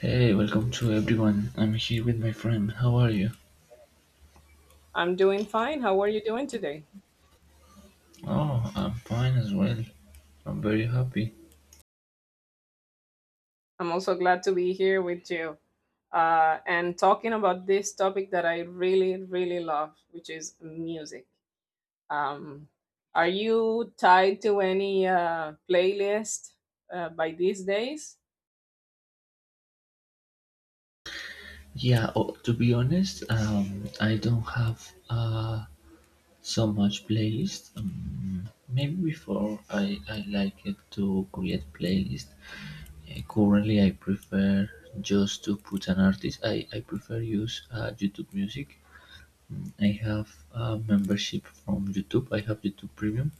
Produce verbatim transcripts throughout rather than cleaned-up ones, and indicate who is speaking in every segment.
Speaker 1: Hey, welcome to everyone. I'm here with my friend. How are you?
Speaker 2: I'm doing fine. How are you doing today?
Speaker 1: Oh, I'm fine as well. I'm very happy.
Speaker 2: I'm also glad to be here with you uh, and talking about this topic that I really, really love, which is music. Um, are you tied to any uh, playlist uh, by these days?
Speaker 1: Yeah, oh, to be honest, um, I don't have uh, so much playlist. Um, maybe before I, I like it to create playlist. Uh, currently, I prefer just to put an artist. I, I prefer use uh, YouTube music. I have a membership from YouTube. I have YouTube Premium,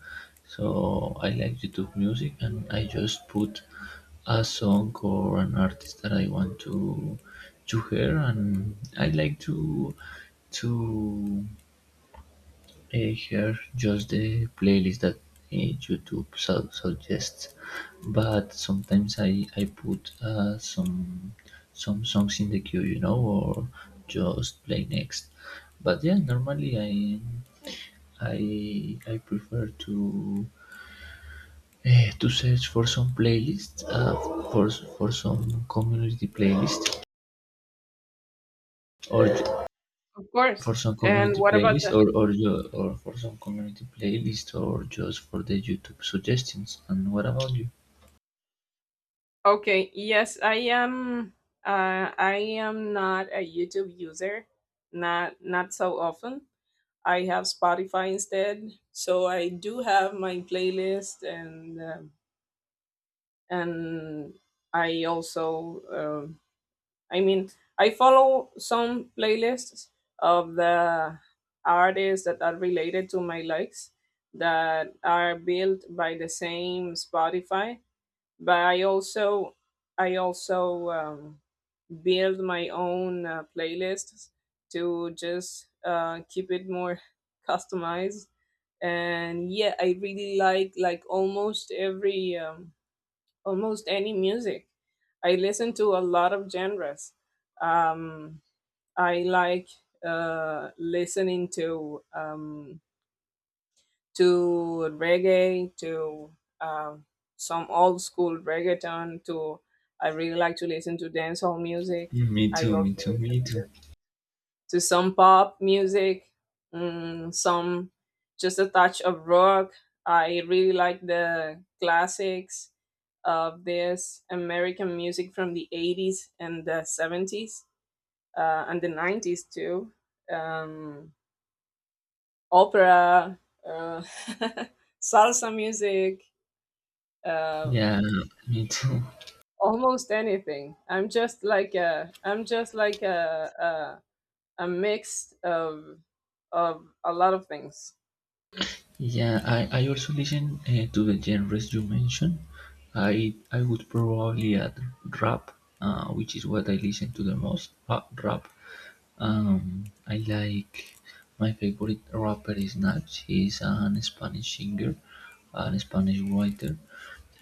Speaker 1: so I like YouTube Music, and I just put a song or an artist that I want to to hear, and I like to to uh, hear just the playlist that uh, YouTube su- suggests. But sometimes I I put uh, some some songs in the queue, you know, or just play next. But yeah, normally I I I prefer to eh, to search for some playlist, uh, for for some community playlist, or ju-
Speaker 2: Of
Speaker 1: for
Speaker 2: course.
Speaker 1: some
Speaker 2: And
Speaker 1: community
Speaker 2: what about
Speaker 1: playlist,
Speaker 2: the?
Speaker 1: or or ju- or for some community playlist, or just for the YouTube suggestions. And what about you?
Speaker 2: Okay, yes, I am. Uh, I am not a YouTube user, not not so often. I have Spotify instead. So I do have my playlist, and um and I also, um, I mean, I follow some playlists of the artists that are related to my likes that are built by the same Spotify. But I also, I also um, build my own uh, playlists to just uh, keep it more customized. And yeah, I really like like almost every um, almost any music. I listen to a lot of genres. um I like uh listening to um to reggae, to um some old school reggaeton, to, I really like to listen to dancehall music.
Speaker 1: Me
Speaker 2: I
Speaker 1: too, me
Speaker 2: also
Speaker 1: too,
Speaker 2: listen
Speaker 1: me too.
Speaker 2: to some pop music, mm, some, just a touch of rock. I really like the classics of this American music from the eighties and the seventies, uh, and the nineties too. Um, Opera, uh, salsa music, uh,
Speaker 1: Yeah, me too.
Speaker 2: almost anything. I'm just like a, I'm just like a, a, a mix of, of a lot of things.
Speaker 1: Yeah, I, I also listen uh, to the genres you mentioned. I I would probably add rap, uh, which is what I listen to the most. Rap, rap. Um, I like My favorite rapper is Nas. He's an Spanish singer, an Spanish writer.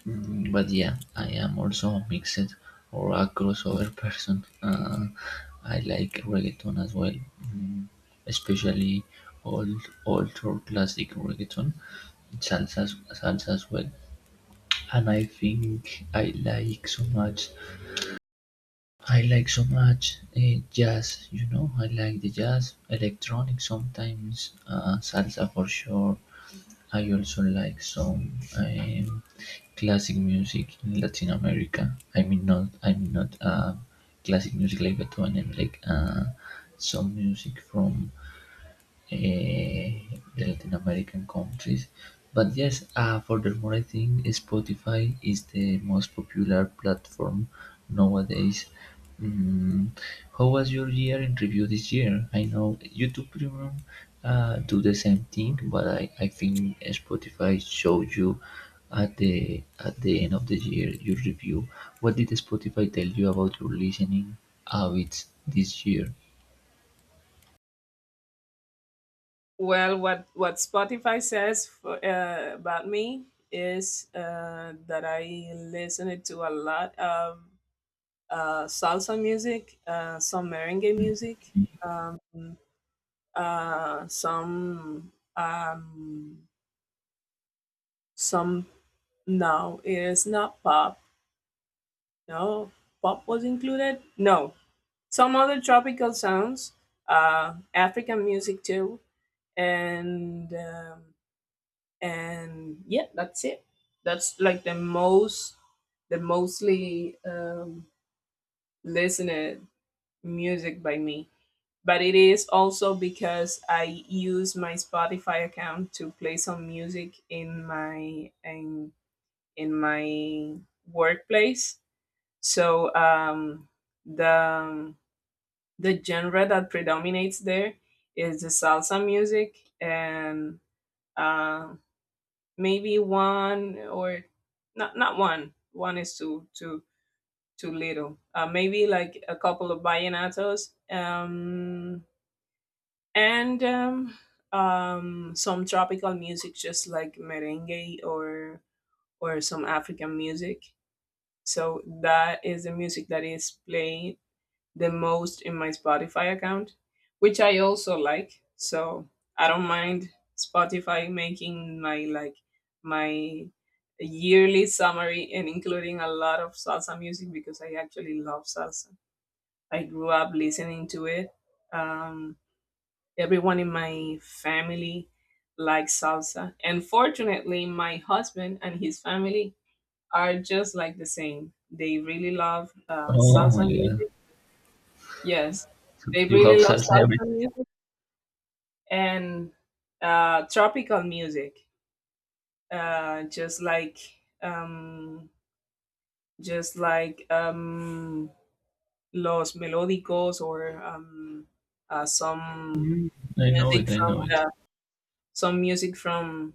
Speaker 1: Mm, but yeah, I am also a mixed or a crossover person. Uh, I like reggaeton as well, mm, especially old, old or classic reggaeton, salsa, salsa as well. And I think I like so much I like so much eh, jazz, you know. I like the jazz, electronic sometimes, uh, salsa for sure. I also like some um, classic music in Latin America. I mean, not I'm not uh, classic music like Beethoven. I like uh, some music from eh, the Latin American countries. But yes, uh, furthermore, I think Spotify is the most popular platform nowadays. Mm, how was your year in review this year? I know YouTube Premium uh, do the same thing, but I, I think Spotify showed you at the at the end of the year your review. What did Spotify tell you about your listening habits this year?
Speaker 2: Well, what what Spotify says for, uh, about me is uh, that I listen to a lot of uh, salsa music, uh, some merengue music, um, uh, some um, some. No, it is not pop. No, pop was included. No, some other tropical sounds, uh, African music too, and. Um, and yeah, that's it that's like the most, the mostly um, listened music by me, but it is also because I use my Spotify account to play some music in my in, in my workplace. So um, the the genre that predominates there is the salsa music, and uh, maybe one or, not not one, one is too, too too little. Uh, maybe like a couple of vallenatos, um and um um some tropical music just like merengue, or or some African music. So that is the music that is played the most in my Spotify account, which I also like. So I don't mind Spotify making my, like, my yearly summary and including a lot of salsa music because I actually love salsa. I grew up listening to it. Um, Everyone in my family likes salsa, and fortunately, my husband and his family are just like the same. They really love uh,
Speaker 1: Oh my
Speaker 2: salsa
Speaker 1: god,
Speaker 2: music. Yes, they
Speaker 1: you have
Speaker 2: really love
Speaker 1: salsa.
Speaker 2: salsa music and uh, tropical music, uh, just like um, just like um, los melódicos, or um, uh, some
Speaker 1: Mm, I know
Speaker 2: music
Speaker 1: it, I
Speaker 2: from
Speaker 1: know it.
Speaker 2: the, some music from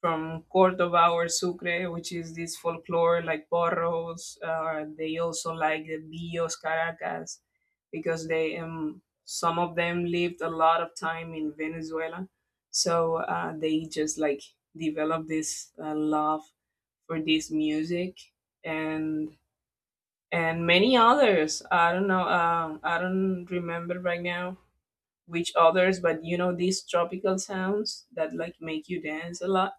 Speaker 2: from Cordoba or Sucre, which is this folklore like porros. Uh, they also like the Billos Caracas because they um, some of them lived a lot of time in Venezuela, so uh, they just like develop this uh, love for this music, and and many others. I don't know. Um, I don't remember right now which others, but you know these tropical sounds that like make you dance a lot.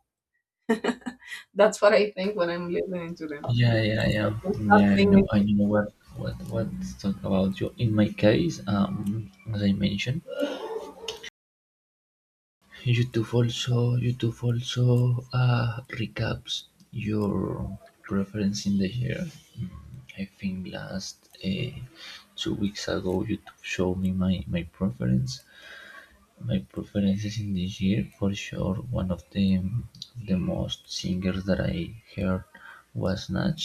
Speaker 2: That's what I think when I'm listening to them.
Speaker 1: Yeah, yeah,
Speaker 2: I
Speaker 1: yeah,
Speaker 2: can stop
Speaker 1: yeah. I
Speaker 2: singing.
Speaker 1: know, I know what what what's talk about you. In my case, um, as I mentioned, YouTube also YouTube also uh recaps your preference in the year. Mm, I think last uh, two weeks ago, YouTube showed me my my preference, my preferences in this year, for sure, one of the the most singers that I heard was Natch.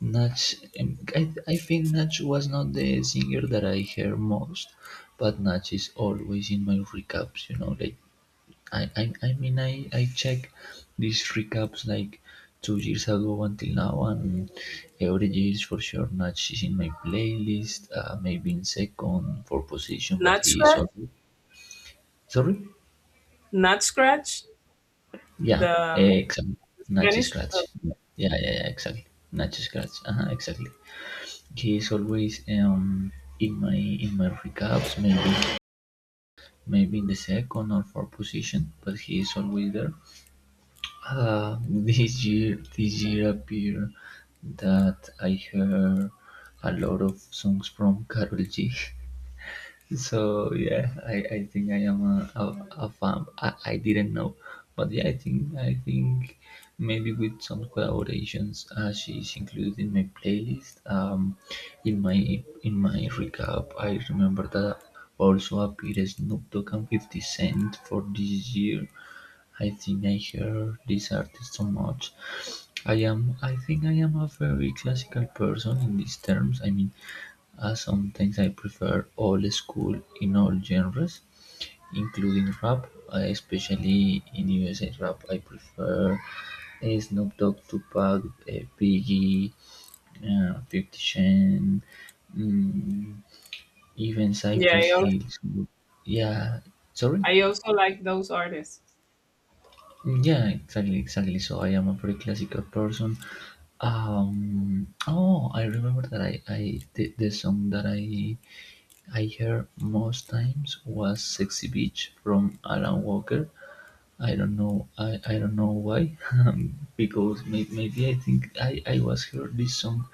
Speaker 1: Natch, um, I, I think Natch was not the singer that I hear most, but Natch is always in my recaps. You know, like I I, I mean I I check these recaps like two years ago until now, and every year for sure Natch is in my playlist. Uh, maybe in second for position, but
Speaker 2: Nut
Speaker 1: he is
Speaker 2: Scratch,
Speaker 1: always. Sorry?
Speaker 2: Nut Scratch,
Speaker 1: Yeah.
Speaker 2: the
Speaker 1: Eh, exactly. Nacho
Speaker 2: Spanish. uh,
Speaker 1: Scratch. Yeah, yeah, yeah, yeah, exactly. Nacho Scratch. Uh-huh, exactly. He is always um in my in my recaps, maybe maybe in the second or fourth position, but he is always there. Uh, this year this year appear that I heard a lot of songs from Carol G. So yeah, I, I think I am a, a, a fan. I, I didn't know, but yeah, I think I think maybe with some collaborations, uh, she's included in my playlist. Um, in my in my recap, I remember that also appeared Snoop Dogg and Fifty Cent for this year. I think I hear this artist so much. I am I think I am a very classical person in these terms. I mean are sometimes I prefer old school in all genres, including rap. I Especially in U S A rap, I prefer eh, Snoop Dogg, Tupac, eh, Biggie, uh, fifty Cent, mm, even
Speaker 2: Yeah,
Speaker 1: Cypress
Speaker 2: I also,
Speaker 1: Hill. Yeah, sorry?
Speaker 2: I also like those artists.
Speaker 1: Mm, yeah, exactly, exactly. So I am a very classical person. Um, oh, I remember that I, I the, the song that I I heard most times was "Sexy Beach" from Alan Walker. I don't know. I, I don't know why, because may, maybe I think I, I was heard this song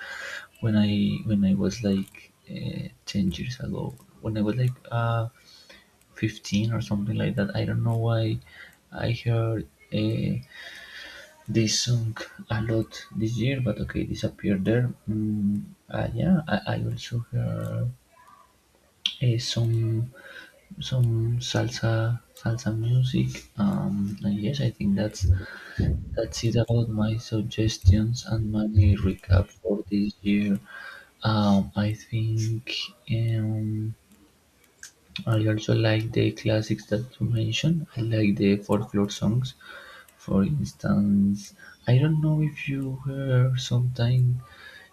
Speaker 1: when I when I was like uh, ten years ago. When I was like uh, fifteen or something like that. I don't know why I heard uh, this song a lot this year, but okay, disappeared there. Mm, uh, yeah, I, I also heard uh, some some salsa salsa music. Um, and yes, I think that's that's it about my suggestions and my recap for this year. Um, I think, um, I also like the classics that you mentioned. I like the folklore songs. For instance, I don't know if you heard sometime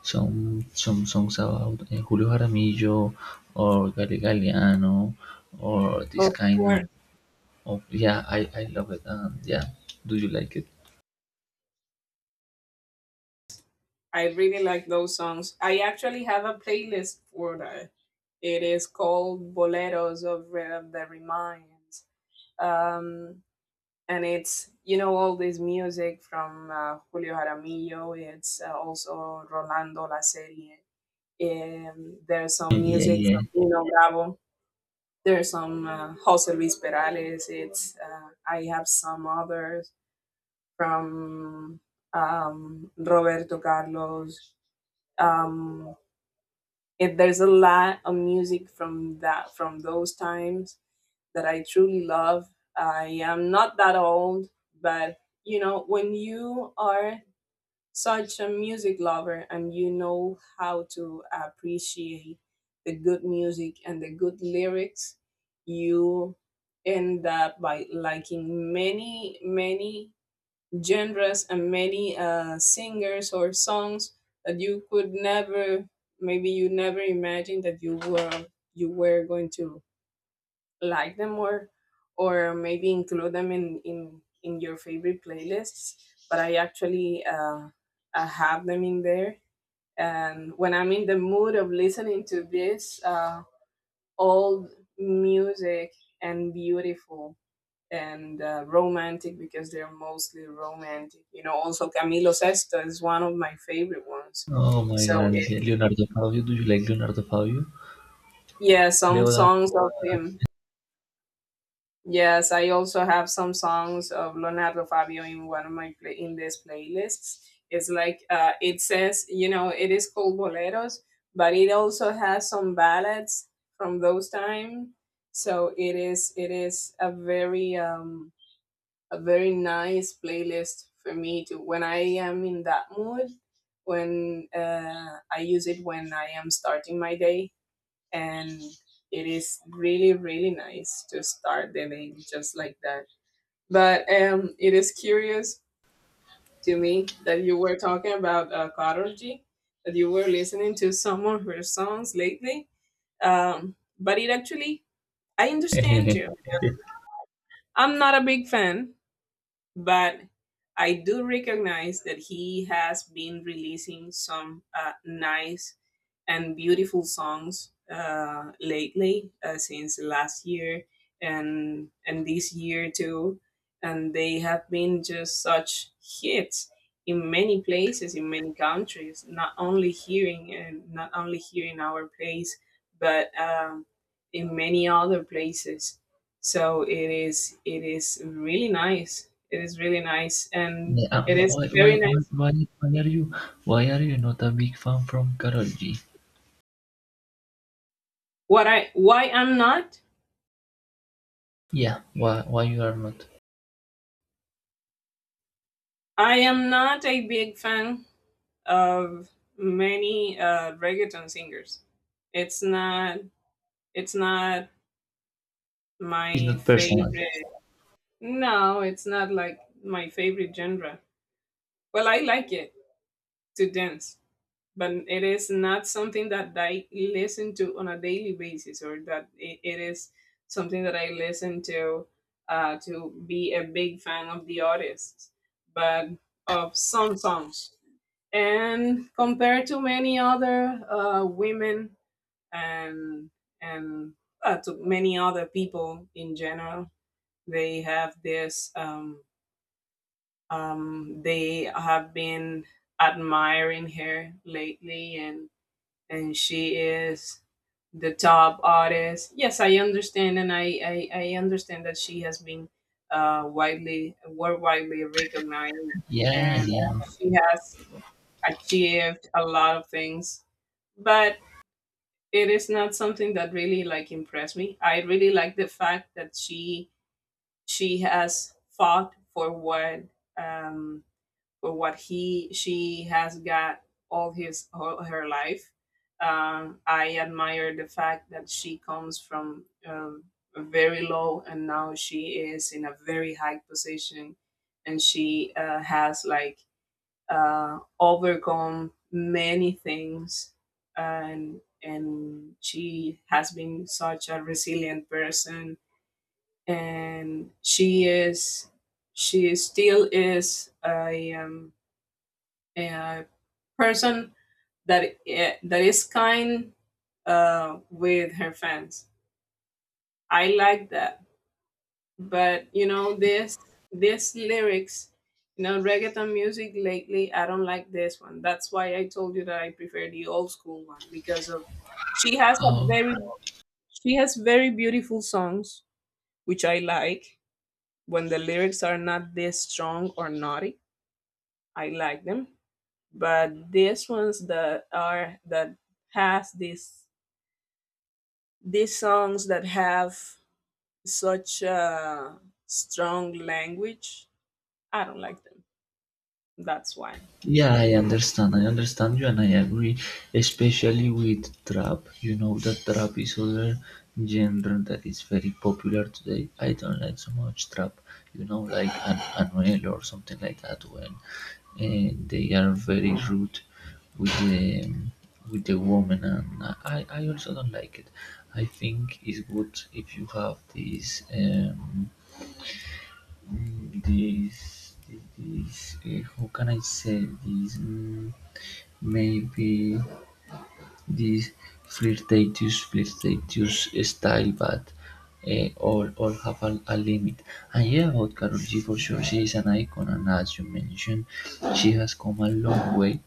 Speaker 1: some some songs about eh, Julio Jaramillo or Gary Galeano or this
Speaker 2: Of
Speaker 1: kind
Speaker 2: course,
Speaker 1: of. Oh yeah, I I love it. Um, yeah, do you like it?
Speaker 2: I really like those songs. I actually have a playlist for that. It is called Boleros of Re- the Reminds. Um, and it's, you know, all this music from uh, Julio Jaramillo. It's uh, also Rolando La Serie. Um, there's some
Speaker 1: Yeah,
Speaker 2: music
Speaker 1: yeah.
Speaker 2: from Nino Bravo. There's some uh, Jose Luis Perales. It's uh, I have some others from um, Roberto Carlos. Um, it, there's a lot of music from that, from those times that I truly love. I am not that old, but you know when you are such a music lover and you know how to appreciate the good music and the good lyrics, you end up by liking many, many genres and many uh, singers or songs that you could never, maybe you never imagined that you were, you were going to like them more, or maybe include them in in in your favorite playlists, but I actually uh, uh have them in there. And when I'm in the mood of listening to this uh old music, and beautiful and uh, romantic, because they're mostly romantic, you know. Also Camilo Sesto is one of my favorite ones,
Speaker 1: Oh my
Speaker 2: so
Speaker 1: God, yeah.
Speaker 2: it's,
Speaker 1: Leonardo Fabio. Do you like Leonardo Fabio?
Speaker 2: yeah, some
Speaker 1: Leodan.
Speaker 2: songs of him. Yes, I also have some songs of Leonardo Fabio in one of my play, in these playlists. It's like uh, it says, you know, it is called boleros, but it also has some ballads from those time. So it is, it is a very um, a very nice playlist for me to when I am in that mood. When uh, I use it when I am starting my day, and it is really, really nice to start the day just like that. But um it is curious to me that you were talking about uh Karol G, that you were listening to some of her songs lately. Um but it actually, I understand you. I'm not a big fan, but I do recognize that he has been releasing some uh, nice and beautiful songs uh, lately, uh, since last year and and this year too, and they have been just such hits in many places, in many countries. Not only here in, and not only here in our place, but um, in many other places. So it is, it is really nice, it is really nice, and
Speaker 1: Yeah, uh,
Speaker 2: it is
Speaker 1: why, why,
Speaker 2: very nice.
Speaker 1: why, why are you, why are you not a big fan from Karol G?
Speaker 2: What I, why I'm not?
Speaker 1: Yeah, why, why you are not?
Speaker 2: I am not a big fan of many uh, reggaeton singers. It's not, it's not
Speaker 1: It's
Speaker 2: my
Speaker 1: not personal.
Speaker 2: favorite. No, it's not like my favorite genre. Well, I like it to dance. But it is not something that I listen to on a daily basis, or that it, it is something that I listen to uh, to be a big fan of the artist, but of some songs. And compared to many other uh, women and and uh, to many other people in general, they have this. Um, um, they have been admiring her lately, and and she is the top artist. Yes, I understand, and I I, I understand that she has been uh, widely worldwide recognized,
Speaker 1: Yeah,
Speaker 2: and
Speaker 1: yeah.
Speaker 2: she has achieved a lot of things. But it is not something that really like impressed me. I really like the fact that she she has fought for what um, or what he, she has got all his, all her life. Um, I admire the fact that she comes from um, very low and now she is in a very high position, and she uh, has like uh, overcome many things, and and she has been such a resilient person, and she is, she still is a um, a person that eh, that is kind uh, with her fans. I like that, but you know this, this lyrics, you know, reggaeton music lately. I don't like this one. That's why I told you that I prefer the old school one, because of she has a
Speaker 1: Oh,
Speaker 2: very, she has very beautiful songs which I like when the lyrics are not this strong or naughty. I like them, but these ones that are that has these these songs that have such a strong language, I don't like them. That's why,
Speaker 1: yeah, I
Speaker 2: and
Speaker 1: understand. I understand you and I agree, especially with trap. You know that trap is other genre that is very popular today. I don't like so much trap, you know, like an Anuel or something like that when uh, they are very rude with the with the woman, and I, I also don't like it. I think it's good if you have this um mm, this this, this uh, how can I say this, mm, maybe this flirtatious flirtatious style, but uh, all all have a, a limit. And yeah, about Karol G, for sure she is an icon, and as you mentioned she has come a long way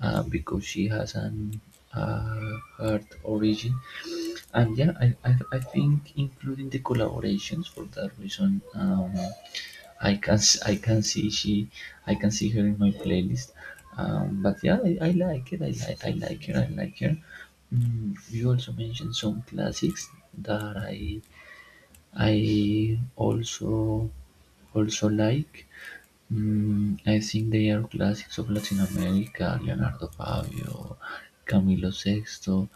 Speaker 1: uh, because she has an uh, hard origin. And yeah, I, I, I think including the collaborations for that reason, um, I can s- I can see she I can see her in my playlist. Um, but yeah, I, I like it. I like I like her. I like her. Mm, you also mentioned some classics that I I also also like. Mm, I think they are classics of Latin America: Leonardo Fabio, Camilo Sexto,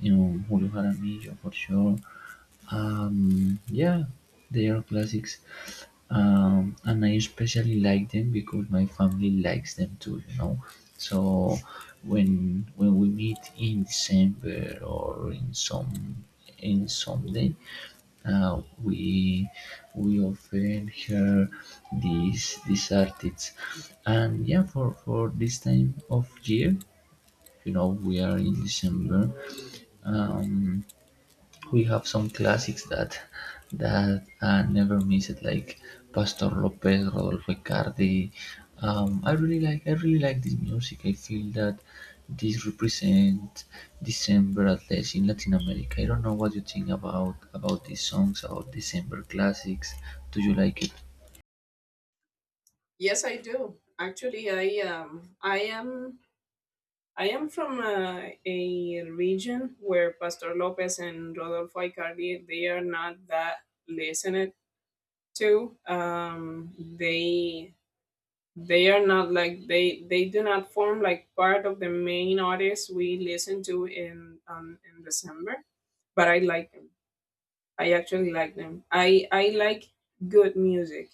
Speaker 1: you know, Julio Jaramillo for sure. Um, yeah, they are classics. Um, and I especially like them because my family likes them too, you know. So when when we meet in December or in some in some day, uh, We we often hear these these artists, and yeah, for for this time of year, you know, we are in December. Um, we have some classics that that uh, never miss it, like Pastor Lopez, Rodolfo Cardi. Um, I really like I really like this music. I feel that this represents December at least in Latin America. I don't know what you think about about these songs, about December classics. Do you like it?
Speaker 2: yes, I do. Actually, I um, I am, I am from a, a region where Pastor Lopez and Rodolfo Icardi they are not that listened to. Um, they they are not like, they they do not form like part of the main artists we listen to in um, in December. But I like them. I actually like them. I I like good music.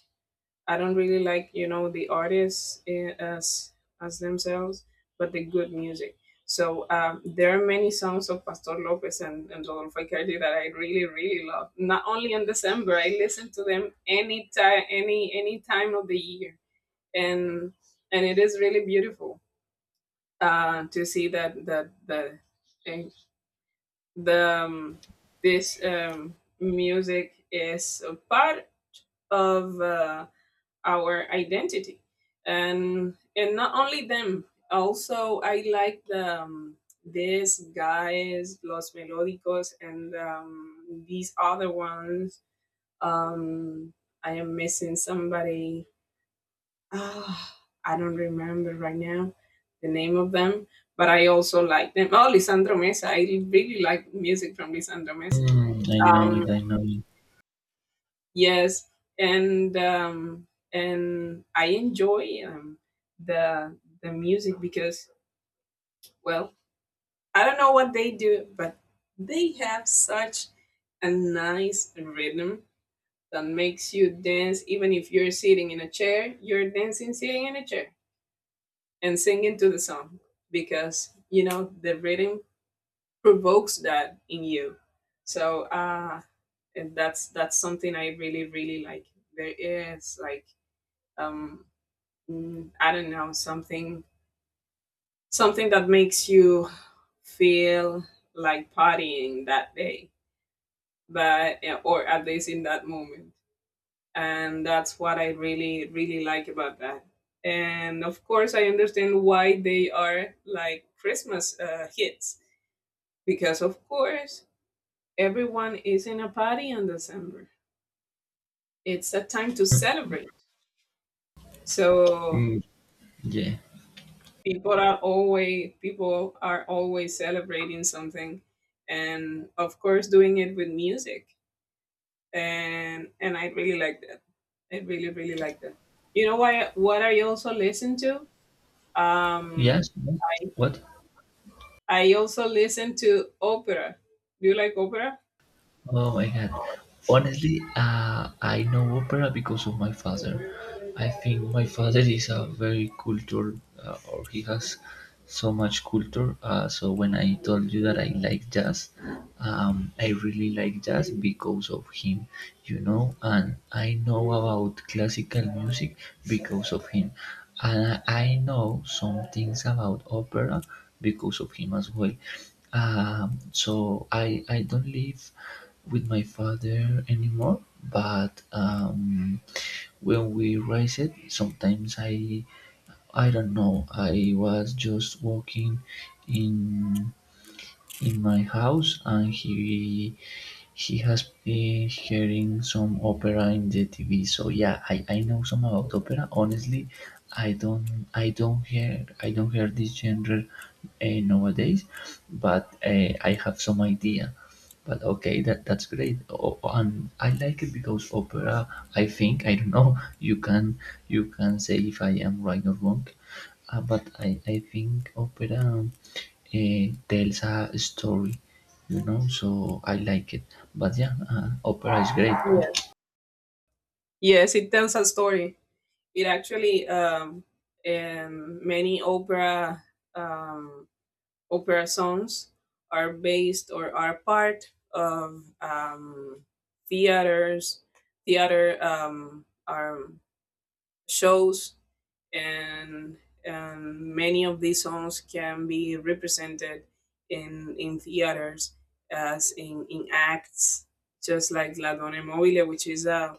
Speaker 2: I don't really like, you know, the artists eh, as as themselves, but the good music. So um, there are many songs of Pastor Lopez and, and Rodolfo Icardi that I really, really love. Not only in December, I listen to them any time, any any time of the year, and and it is really beautiful uh, to see that that that the um, this um, music is a part of uh, our identity, and and not only them. Also, I like the um, these guys, Los Melódicos, and um, these other ones. Um, I am missing somebody. Ah, I don't remember right now the name of them, but I also like them. Oh, Lisandro Mesa. I really like music from Lisandro Mesa.
Speaker 1: Mm, I know
Speaker 2: Um,
Speaker 1: it. I know it.
Speaker 2: yes, and um, and I enjoy um, the the music because, well, I don't know what they do, but they have such a nice rhythm that makes you dance even if you're sitting in a chair. You're dancing sitting in a chair and sing into the song because you know the rhythm provokes that in you. So uh and that's that's something I really, really like. There is like um mm, I don't know, something something that makes you feel like partying that day, but yeah, or at least in that moment. And that's what I really really like about that. And of course, I understand why they are like Christmas uh, hits, because of course everyone is in a party in December. It's a time to celebrate, so
Speaker 1: Mm, yeah.
Speaker 2: people are always people are always celebrating something, and of course doing it with music. And and i really like that. I really really like that. You know why, what I also listen to? um
Speaker 1: Yes. What?
Speaker 2: I also listen to opera. Do you like opera?
Speaker 1: Oh my god. Honestly, uh, I know opera because of my father. I think my father is a very cultured, uh, or he has so much culture. Uh, so when I told you that I like jazz, um, I really like jazz because of him, you know, and I know about classical music because of him. And I know some things about opera because of him as well. Um, so I I don't live with my father anymore, but um, when we raised it, sometimes I I don't know. I was just walking in in my house, and he he has been hearing some opera in the T V. So yeah, I, I know some about opera. Honestly, I don't I don't hear I don't hear this genre uh, nowadays, but uh, I have some idea. But okay, that that's great. Oh, and I like it because opera. I think I don't know. You can you can say if I am right or wrong. Uh, but I, I think opera uh, tells a story, you know, so I like it. But yeah, uh, opera is great.
Speaker 2: Yes, yes, it tells a story. It actually, um, um many opera um, opera songs are based or are part of um, theaters, theater um, um, shows. And um, many of these songs can be represented in in theaters as in, in acts, just like La Donna Mobile, which is uh,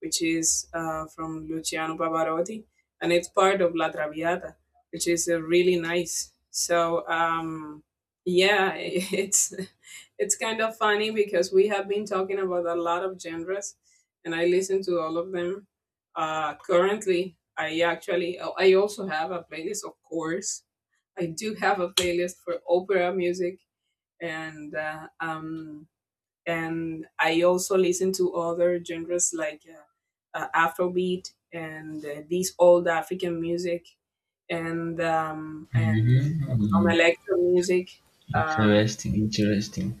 Speaker 2: which is uh, from Luciano Pavarotti, and it's part of La Traviata, which is uh, really nice. So um, yeah, it's it's kind of funny because we have been talking about a lot of genres and I listen to all of them, uh, currently. I actually, oh, I also have a playlist, of course. I do have a playlist for opera music, and uh, um, and I also listen to other genres like uh, uh, Afrobeat and uh, these old African music, and um, and some
Speaker 1: Mhm.
Speaker 2: electro music, um,
Speaker 1: Interesting, interesting.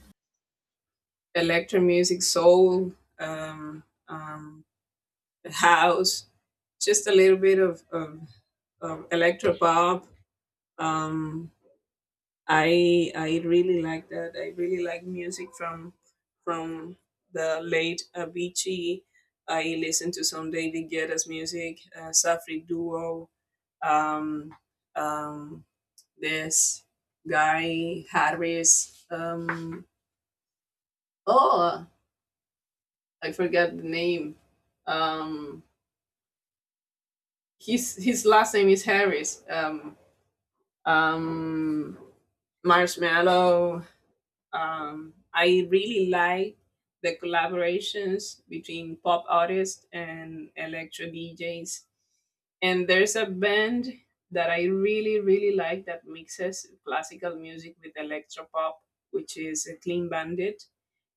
Speaker 2: electro music, soul, um, um, house, just a little bit of, of, of electro pop. Um, I I really like that. I really like music from from the late Avicii. I listen to some David Guetta's music, uh, Safri Duo. Um, um, this guy Harris. Um, oh, I forgot the name. Um, his his last name is Harris. Um, um, Marshmallow. Um, I really like the collaborations between pop artists and electro D Js. And there's a band that I really, really like that mixes classical music with electro pop, which is a Clean Bandit.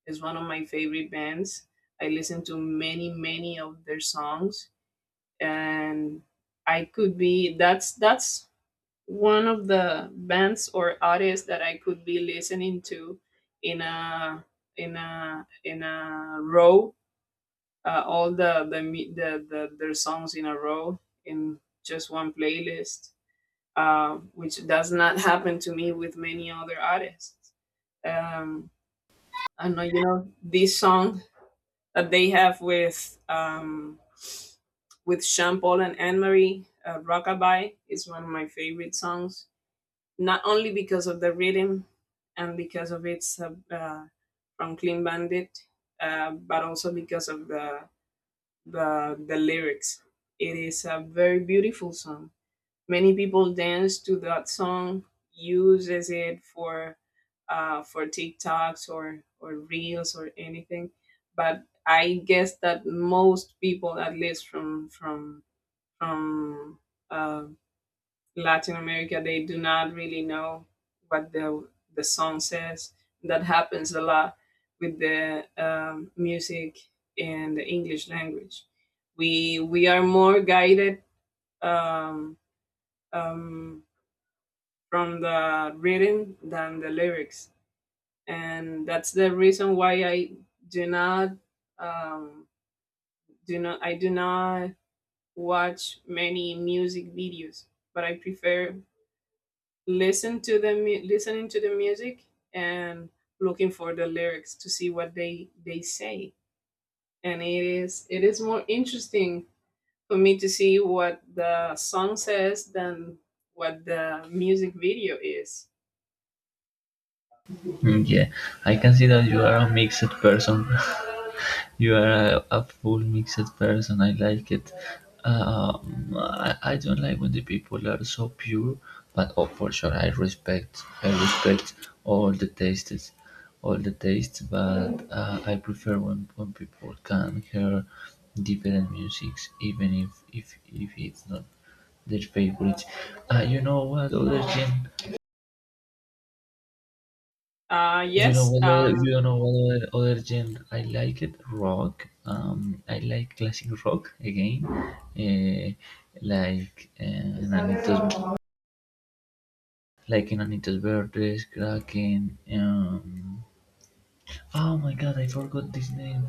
Speaker 2: It's one of my favorite bands. I listen to many, many of their songs, and I could be that's that's one of the bands or artists that I could be listening to in a in a in a row, uh, all the the, mu- the the their songs in a row, in just one playlist, uh, which does not happen to me with many other artists. Um, I know you know this song that they have with um, with Sean Paul and Anne Marie, uh, "Rockabye," is one of my favorite songs, not only because of the rhythm and because of its uh, uh, from Clean Bandit, uh, but also because of the, the the lyrics. It is a very beautiful song. Many people dance to that song, uses it for uh, for TikToks or or reels or anything. But I guess that most people, at least from from from uh, Latin America, they do not really know what the the song says. That happens a lot with the um, music in the English language. We we are more guided um, um, from the reading than the lyrics, and that's the reason why I do not, um, do not I do not watch many music videos, but I prefer listen to the mu- listening to the music and looking for the lyrics to see what they they say. And it is, it is more interesting for me to see what the song says than what the music video is.
Speaker 1: Mm, yeah, I can see that you are a mixed person. You are a, a full mixed person. I like it. Um, I, I don't like when the people are so pure, but oh, for sure, I respect. I respect all the tastes, all the tastes. But uh, I prefer when, when people can hear different musics, even if if if it's not their favorite. Uh, you know what other gen.
Speaker 2: Uh
Speaker 1: You know
Speaker 2: yes.
Speaker 1: what other, you
Speaker 2: um
Speaker 1: know what other, other genre I like it rock. Um, I like classic rock again, uh, like uh, Enanitos, like Enanitos Verdes, Kraken. Um, oh my God, I forgot this name.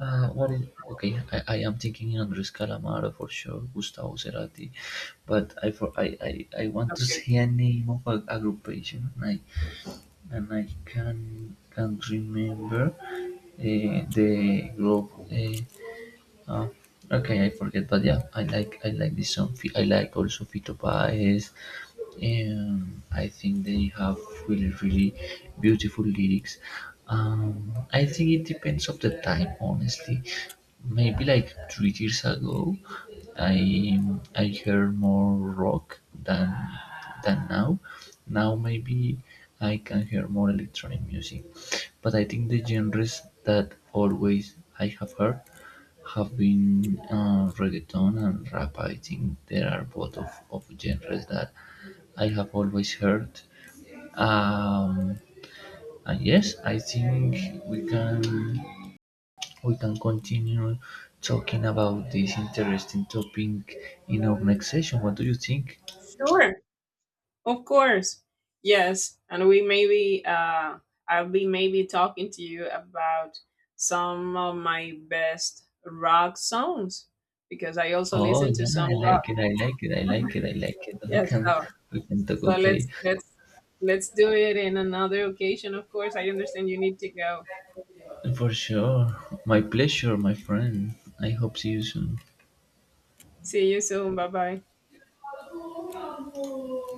Speaker 1: Uh, what is okay? I, I am thinking Andres Calamaro for sure, Gustavo Cerati, but I for I, I, I want to
Speaker 2: Okay,
Speaker 1: say a name of a, a groupation. I And I can can't remember uh, the group. uh, uh, okay, I forget, but yeah, I like I like this song. Fi- I like also Fito Páez, and I think they have really really beautiful lyrics. Um, I think it depends of the time, honestly. Maybe like three years ago, I I heard more rock than than now. Now maybe I can hear more electronic music, but I think the genres that always I have heard have been uh, reggaeton and rap. I think there are both of, of genres that I have always heard, um, and yes I think we can we can continue talking about this interesting topic in our next session. What do you think?
Speaker 2: sure. Of course. Yes. And we maybe uh I'll be maybe talking to you about some of my best rock songs, because I also
Speaker 1: Oh
Speaker 2: listen to
Speaker 1: yeah,
Speaker 2: some
Speaker 1: I
Speaker 2: rock.
Speaker 1: like it, I like it, I like it, I like it, we
Speaker 2: Yes,
Speaker 1: can
Speaker 2: so
Speaker 1: we can talk.
Speaker 2: so
Speaker 1: Okay,
Speaker 2: let's let's let's do it in another occasion, of course. I understand you need to go.
Speaker 1: for sure, my pleasure, my friend. I hope see you soon.
Speaker 2: See you soon. Bye bye.